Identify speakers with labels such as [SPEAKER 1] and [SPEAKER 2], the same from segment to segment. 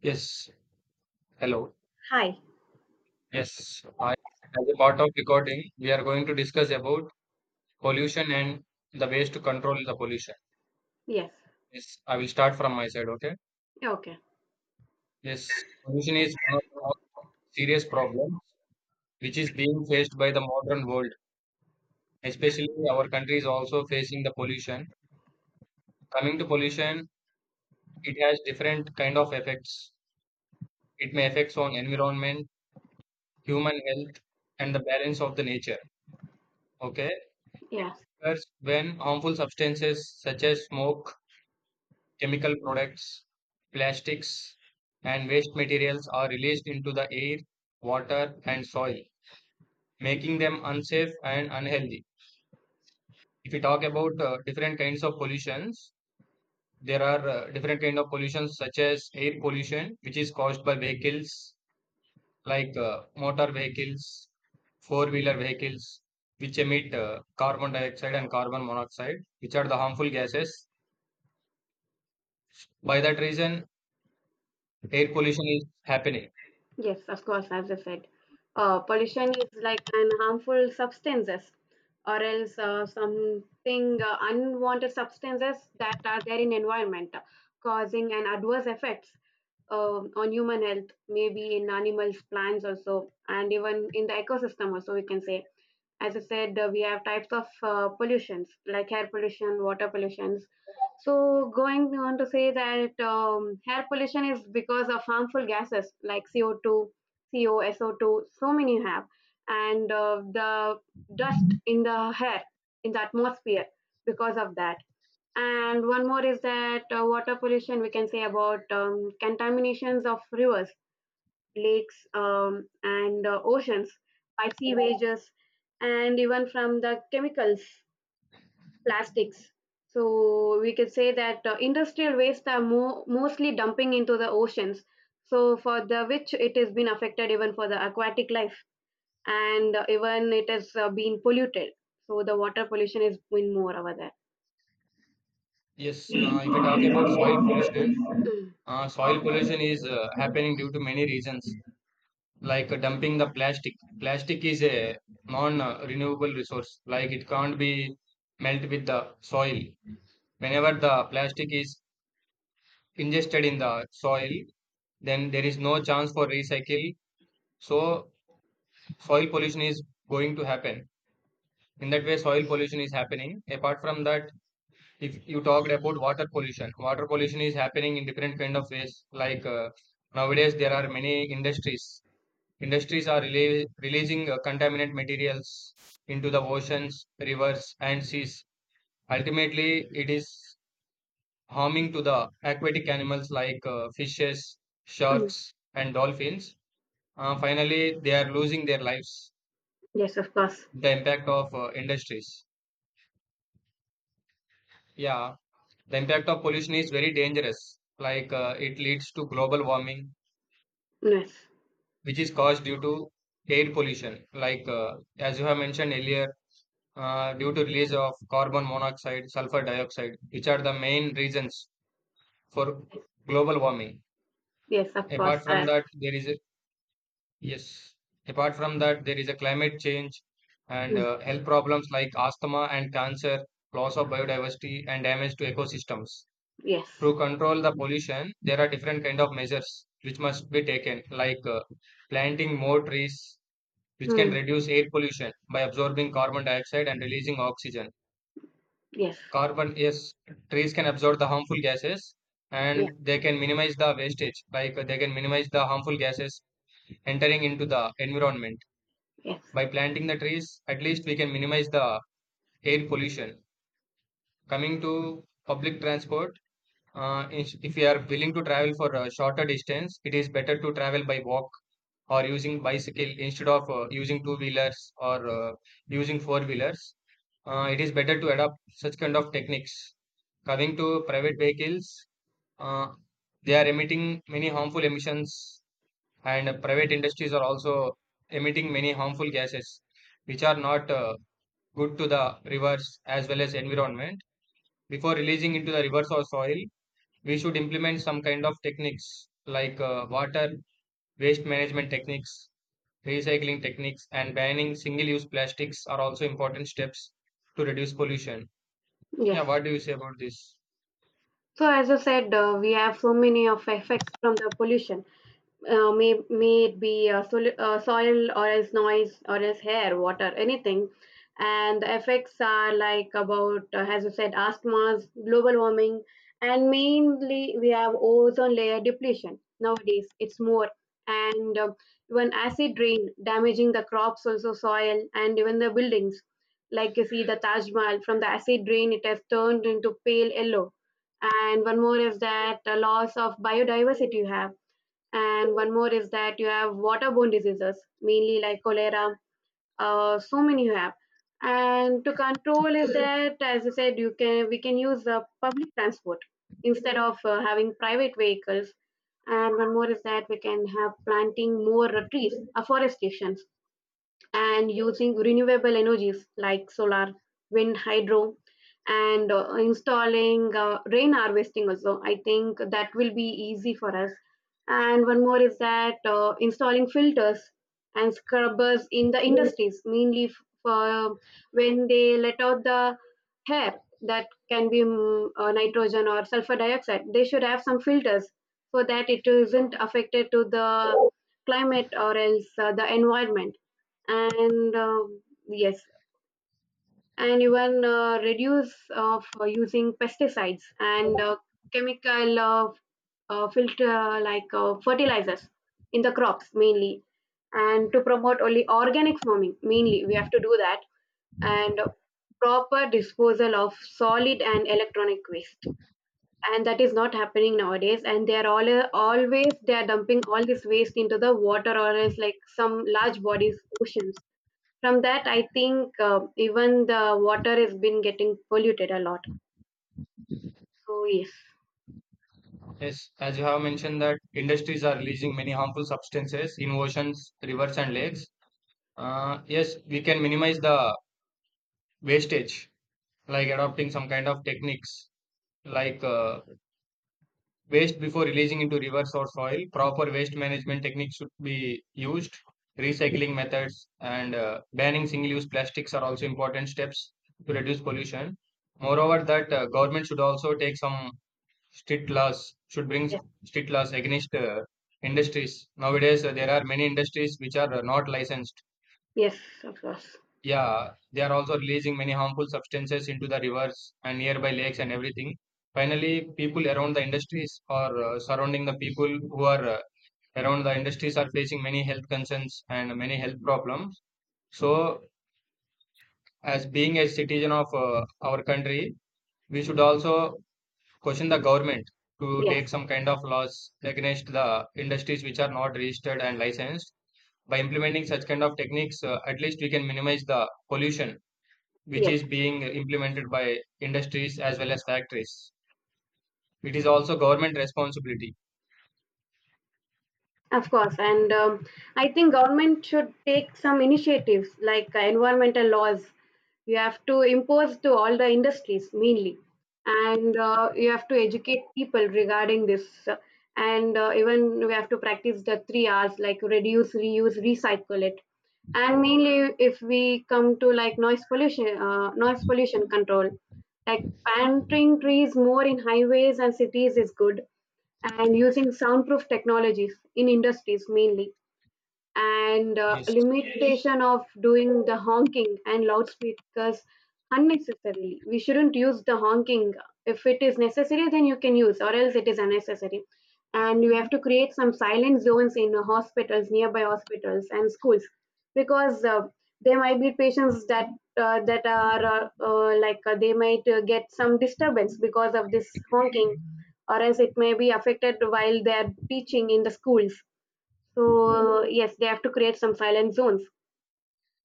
[SPEAKER 1] Yes, hello.
[SPEAKER 2] Hi.
[SPEAKER 1] Yes, I, as a part of recording, we are going to discuss about pollution and the ways to control the pollution.
[SPEAKER 2] Yes.
[SPEAKER 1] Yes, I will start from my side, okay?
[SPEAKER 2] Yeah, okay.
[SPEAKER 1] Yes, pollution is one of the most serious problems which is being faced by the modern world. Especially our country is also facing the pollution. Coming to pollution, it has different kind of effects. It may affects on environment, human health, and the balance of the nature. Okay.
[SPEAKER 2] Yes.
[SPEAKER 1] First, when harmful substances such as smoke chemical products, plastics, and waste materials are released into the air, water, and soil, making them unsafe and unhealthy. If we talk about different kinds of pollutions, there are different kind of pollutions such as air pollution, which is caused by vehicles like motor vehicles, four-wheeler vehicles, which emit carbon dioxide and carbon monoxide, which are the harmful gases. By that reason, air pollution is happening.
[SPEAKER 2] Yes. Of course. As I said, pollution is like an harmful substances, or else something unwanted substances that are there in environment, causing an adverse effects on human health, maybe in animals, plants also, and even in the ecosystem also. We can say as I said, we have types of pollutions like air pollution, water pollutions. So, going on to say that air pollution is because of harmful gases like CO2, CO, SO2, so many have, and the dust in the air, in the atmosphere because of that. And one more is that water pollution, we can say about contaminations of rivers, lakes, and oceans, by sewages, and even from the chemicals, plastics. So we can say that industrial waste are mostly dumping into the oceans. So for the which it has been affected even for the aquatic life, and even it has been polluted. So the water pollution is been more over there.
[SPEAKER 1] Yes, if we talk about
[SPEAKER 2] Mm,
[SPEAKER 1] soil pollution is happening due to many reasons, like dumping the plastic. Plastic is a non-renewable resource, like it can't be melt with the soil. Whenever the plastic is ingested in the soil, then there is no chance for recycle. So soil pollution is going to happen. In that way, soil pollution is happening. Apart from that, if you talked about water pollution, water pollution is happening in different kind of ways, like nowadays there are many industries are releasing contaminant materials into the oceans, rivers and seas. Ultimately, it is harming to the aquatic animals like fishes,
[SPEAKER 2] mm.
[SPEAKER 1] sharks and dolphins. Finally, they are losing their lives,
[SPEAKER 2] Yes, of course.
[SPEAKER 1] the impact of industries. Yeah, the impact of pollution is very dangerous, like it leads to global warming,
[SPEAKER 2] Yes,
[SPEAKER 1] which is caused due to air pollution. Like as you have mentioned earlier, due to release of carbon monoxide, sulfur dioxide, which are the main reasons for global warming.
[SPEAKER 2] yes, of course.
[SPEAKER 1] Apart from
[SPEAKER 2] Uh,
[SPEAKER 1] that, there is a, yes. Apart from that, there is a climate change and
[SPEAKER 2] mm,
[SPEAKER 1] health problems like asthma and cancer, loss of biodiversity, and damage to ecosystems.
[SPEAKER 2] yes,
[SPEAKER 1] To control the pollution, there are different kind of measures which must be taken, like planting more trees, which can
[SPEAKER 2] mm,
[SPEAKER 1] reduce air pollution by absorbing carbon dioxide and releasing oxygen.
[SPEAKER 2] yes,
[SPEAKER 1] Carbon, yes, trees can absorb the harmful gases
[SPEAKER 2] yeah,
[SPEAKER 1] and they can minimize the wastage, like they can minimize the harmful gases entering into the environment.
[SPEAKER 2] yes.
[SPEAKER 1] By planting the trees, at least we can minimize the air pollution. Coming to public transport, if we are willing to travel for a shorter distance, it is better to travel by walk or using bicycle instead of using two wheelers or using four wheelers. It is better to adopt such kind of techniques. Coming to private vehicles, uh, they are emitting many harmful emissions, and private industries are also emitting many harmful gases which are not good to the rivers as well as environment. Before releasing into the rivers or soil, we should implement some kind of techniques like water waste management techniques. Recycling techniques and banning single use plastics are also important steps to reduce pollution. Yeah,
[SPEAKER 2] Yes.
[SPEAKER 1] what do you say about this?
[SPEAKER 2] So as I said, we have so many of effects from the pollution, may it be soil or as noise or as hair, water, anything. And the effects are like about, as you said, asthmas, global warming, and mainly we have ozone layer depletion. Nowadays, it's more. And even acid rain damaging the crops, also soil, and even the buildings. Like you see the Taj Mahal, from the acid rain, it has turned into pale yellow. And one more is that the loss of biodiversity you have, and one more is that you have waterborne diseases, mainly like cholera. So many you have. And to control is that, as I said, you can we can use public transport instead of having private vehicles. And one more is that we can have planting more trees, afforestation, and using renewable energies like solar, wind, hydro, and installing rain harvesting also. I think that will be easy for us. And one more is that installing filters and scrubbers in the industries, mainly for, when they let out the hair, that can be nitrogen or sulfur dioxide. They should have some filters so that it isn't affected to the climate or else the environment. And yes, and even reduce of using pesticides and chemical, filter like fertilizers in the crops mainly, and to promote only organic farming, mainly we have to do that. And proper disposal of solid and electronic waste, and that is not happening nowadays, and they are all always they are dumping all this waste into the water or else like some large bodies, oceans. From that, I think even the water has been getting polluted a lot. So yes,
[SPEAKER 1] Yes, as you have mentioned that industries are releasing many harmful substances in oceans, rivers and lakes. Yes, we can minimize the wastage, like adopting some kind of techniques like waste before releasing into rivers or soil, proper waste management techniques should be used. Recycling methods and banning single use plastics are also important steps to reduce pollution. Moreover that, government should also take some strict laws should bring s-
[SPEAKER 2] yes,
[SPEAKER 1] strict laws against industries. Nowadays there are many industries which are not licensed.
[SPEAKER 2] yes, of course,
[SPEAKER 1] Yeah, they are also releasing many harmful substances into the rivers and nearby lakes and everything. Finally, people around the industries or surrounding the people who are around the industries are facing many health concerns and many health problems. So, as being a citizen of our country, we should also question the government to
[SPEAKER 2] yes,
[SPEAKER 1] take some kind of laws against the industries which are not registered and licensed. By implementing such kind of techniques, at least we can minimize the pollution which
[SPEAKER 2] yes.
[SPEAKER 1] is being implemented by industries as well as factories. It is also government responsibility.
[SPEAKER 2] Of course, and I think government should take some initiatives like environmental laws. You have to impose to all the industries mainly, and you have to educate people regarding this. And even we have to practice the three R's like reduce, reuse, recycle it. And mainly, if we come to like noise pollution control. Like planting trees more in highways and cities is good, and using soundproof technologies in industries mainly, and
[SPEAKER 1] Yes,
[SPEAKER 2] limitation of doing the honking and loudspeakers. Unnecessarily we shouldn't use the honking; if it is necessary then you can use, or else it is unnecessary. And you have to create some silent zones in hospitals, nearby hospitals and schools, because there might be patients that are like, they might get some disturbance because of this honking, or else it may be affected while they are teaching in the schools. So yes, they have to create some silent zones.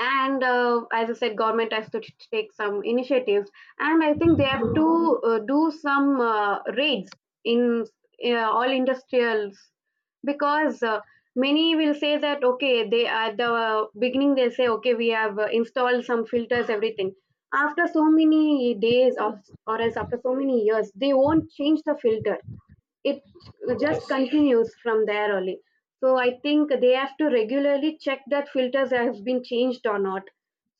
[SPEAKER 2] And as I said, government has to take some initiatives. And I think they have to do some raids in all industrials, because many will say that, okay, they, at the beginning they'll say, okay, we have installed some filters, everything. After so many days of, or else after so many years, they won't change the filter, it just
[SPEAKER 1] yes,
[SPEAKER 2] continues from there only. So I think they have to regularly check that filters has been changed or not.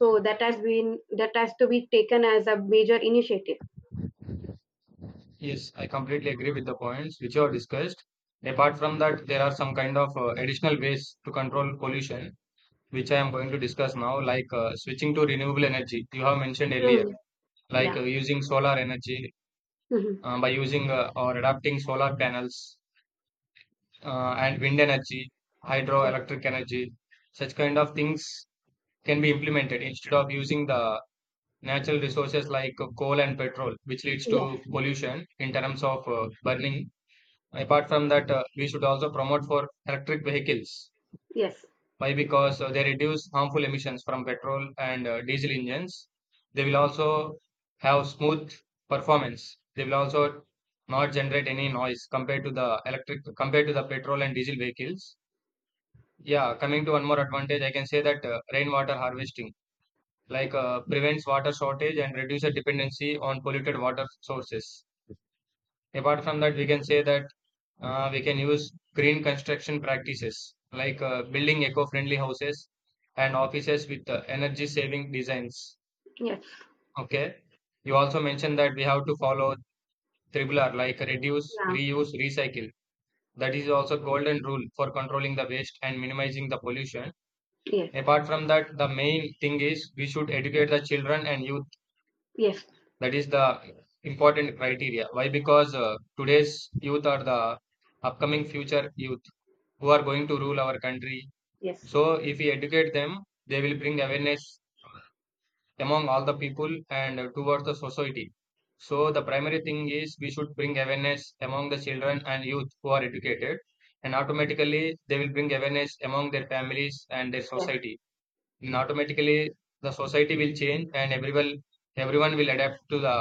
[SPEAKER 2] So that has to be taken as a major initiative.
[SPEAKER 1] yes. I completely agree with the points which are discussed. Apart from that, there are some kind of additional ways to control pollution, which I am going to discuss now, like switching to renewable energy. You have mentioned earlier,
[SPEAKER 2] Mm,
[SPEAKER 1] like
[SPEAKER 2] yeah.
[SPEAKER 1] using solar energy,
[SPEAKER 2] Hmm.
[SPEAKER 1] by using or adapting solar panels and wind energy, hydroelectric energy, such kind of things can be implemented instead of using the natural resources like coal and petrol, which leads to
[SPEAKER 2] Yes.
[SPEAKER 1] pollution in terms of burning. Apart from that, we should also promote for electric vehicles.
[SPEAKER 2] Yes.
[SPEAKER 1] Why? Because they reduce harmful emissions from petrol and diesel engines. They will also have smooth performance. They will also not generate any noise compared to the petrol and diesel vehicles. Yeah, coming to one more advantage, I can say that rainwater harvesting like prevents water shortage and reduces dependency on polluted water sources. Apart from that, we can say that we can use green construction practices like building eco-friendly houses and offices with energy-saving designs.
[SPEAKER 2] Yes.
[SPEAKER 1] Okay, you also mentioned that we have to follow triple R, like reduce,
[SPEAKER 2] Yeah.
[SPEAKER 1] reuse, recycle. That is also golden rule for controlling the waste and minimizing the pollution.
[SPEAKER 2] Yes.
[SPEAKER 1] Apart from that, the main thing is we should educate the children and youth.
[SPEAKER 2] Yes.
[SPEAKER 1] That is the important criteria. Why? Because today's youth are the upcoming future youth who are going to rule our country.
[SPEAKER 2] Yes.
[SPEAKER 1] So if we educate them, they will bring awareness among all the people and towards the society. So the primary thing is we should bring awareness among the children and youth who are educated, and automatically they will bring awareness among their families and their
[SPEAKER 2] Yeah.
[SPEAKER 1] society. Then automatically the society will change and everyone will adapt to the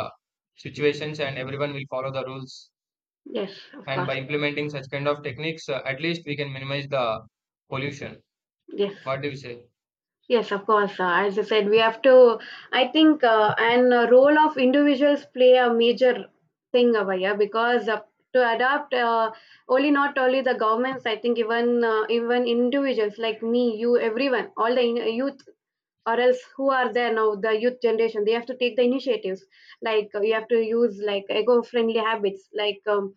[SPEAKER 1] situations and everyone will follow the rules.
[SPEAKER 2] Yes. Of
[SPEAKER 1] And
[SPEAKER 2] course.
[SPEAKER 1] by implementing such kind of techniques, at least we can minimize the pollution.
[SPEAKER 2] Yes.
[SPEAKER 1] What do you say?
[SPEAKER 2] Yes, of course. As I said, we have to. I think and role of individuals play a major thing over here, because to adapt, only not only the governments. I think even individuals like me, you, everyone, all the youth, or else who are there now, the youth generation, they have to take the initiatives. Like you have to use like eco-friendly habits, like.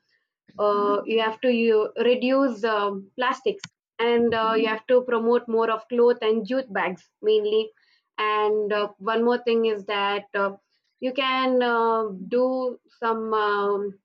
[SPEAKER 2] You have to you reduce plastics, and you have to promote more of cloth and jute bags mainly. And one more thing is that you can do some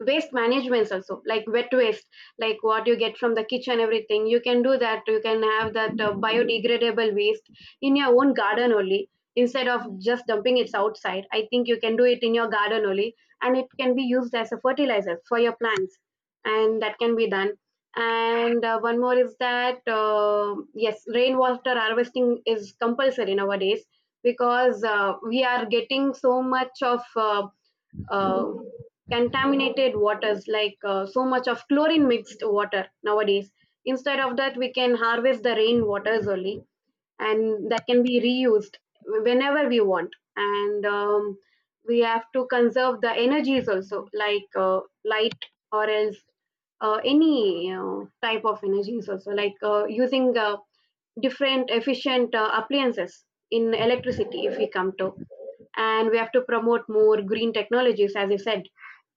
[SPEAKER 2] waste managements also, like wet waste, like what you get from the kitchen, everything you can do that. You can have that biodegradable waste in your own garden only, instead of just dumping it outside. I think you can do it in your garden only, and it can be used as a fertilizer for your plants, and that can be done. And one more is that, yes, rainwater harvesting is compulsory nowadays, because we are getting so much of uh, contaminated waters, like so much of chlorine mixed water nowadays. Instead of that, we can harvest the rain waters only, and that can be reused whenever we want. And we have to conserve the energies also, like light, or else any type of energies also, like using different efficient appliances in electricity if we come to. And we have to promote more green technologies as you said.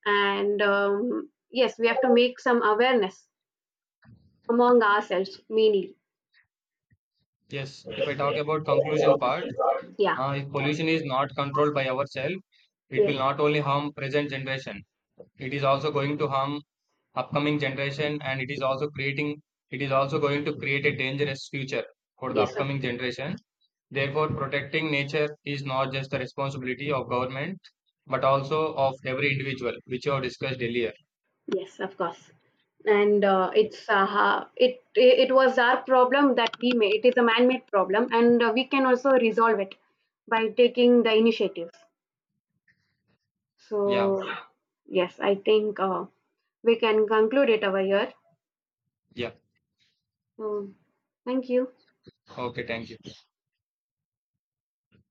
[SPEAKER 2] And yes, we have to make some awareness among ourselves mainly.
[SPEAKER 1] Yes, if I talk about conclusion part,
[SPEAKER 2] Yeah.
[SPEAKER 1] if pollution is not controlled by ourselves, it will
[SPEAKER 2] Yes,
[SPEAKER 1] not only harm present generation, it is also going to harm upcoming generation, and it is also going to create a dangerous future for the
[SPEAKER 2] yes,
[SPEAKER 1] upcoming generation. Therefore, protecting nature is not just the responsibility of government, but also of every individual, which you have discussed earlier.
[SPEAKER 2] yes, of course. And
[SPEAKER 1] Yeah,
[SPEAKER 2] it's it was our problem that we made, it is a man made problem, and we can also resolve it by taking the initiatives. So
[SPEAKER 1] yeah.
[SPEAKER 2] yes, I think we can conclude it over here.
[SPEAKER 1] Yeah.
[SPEAKER 2] So thank you.
[SPEAKER 1] Okay, thank you.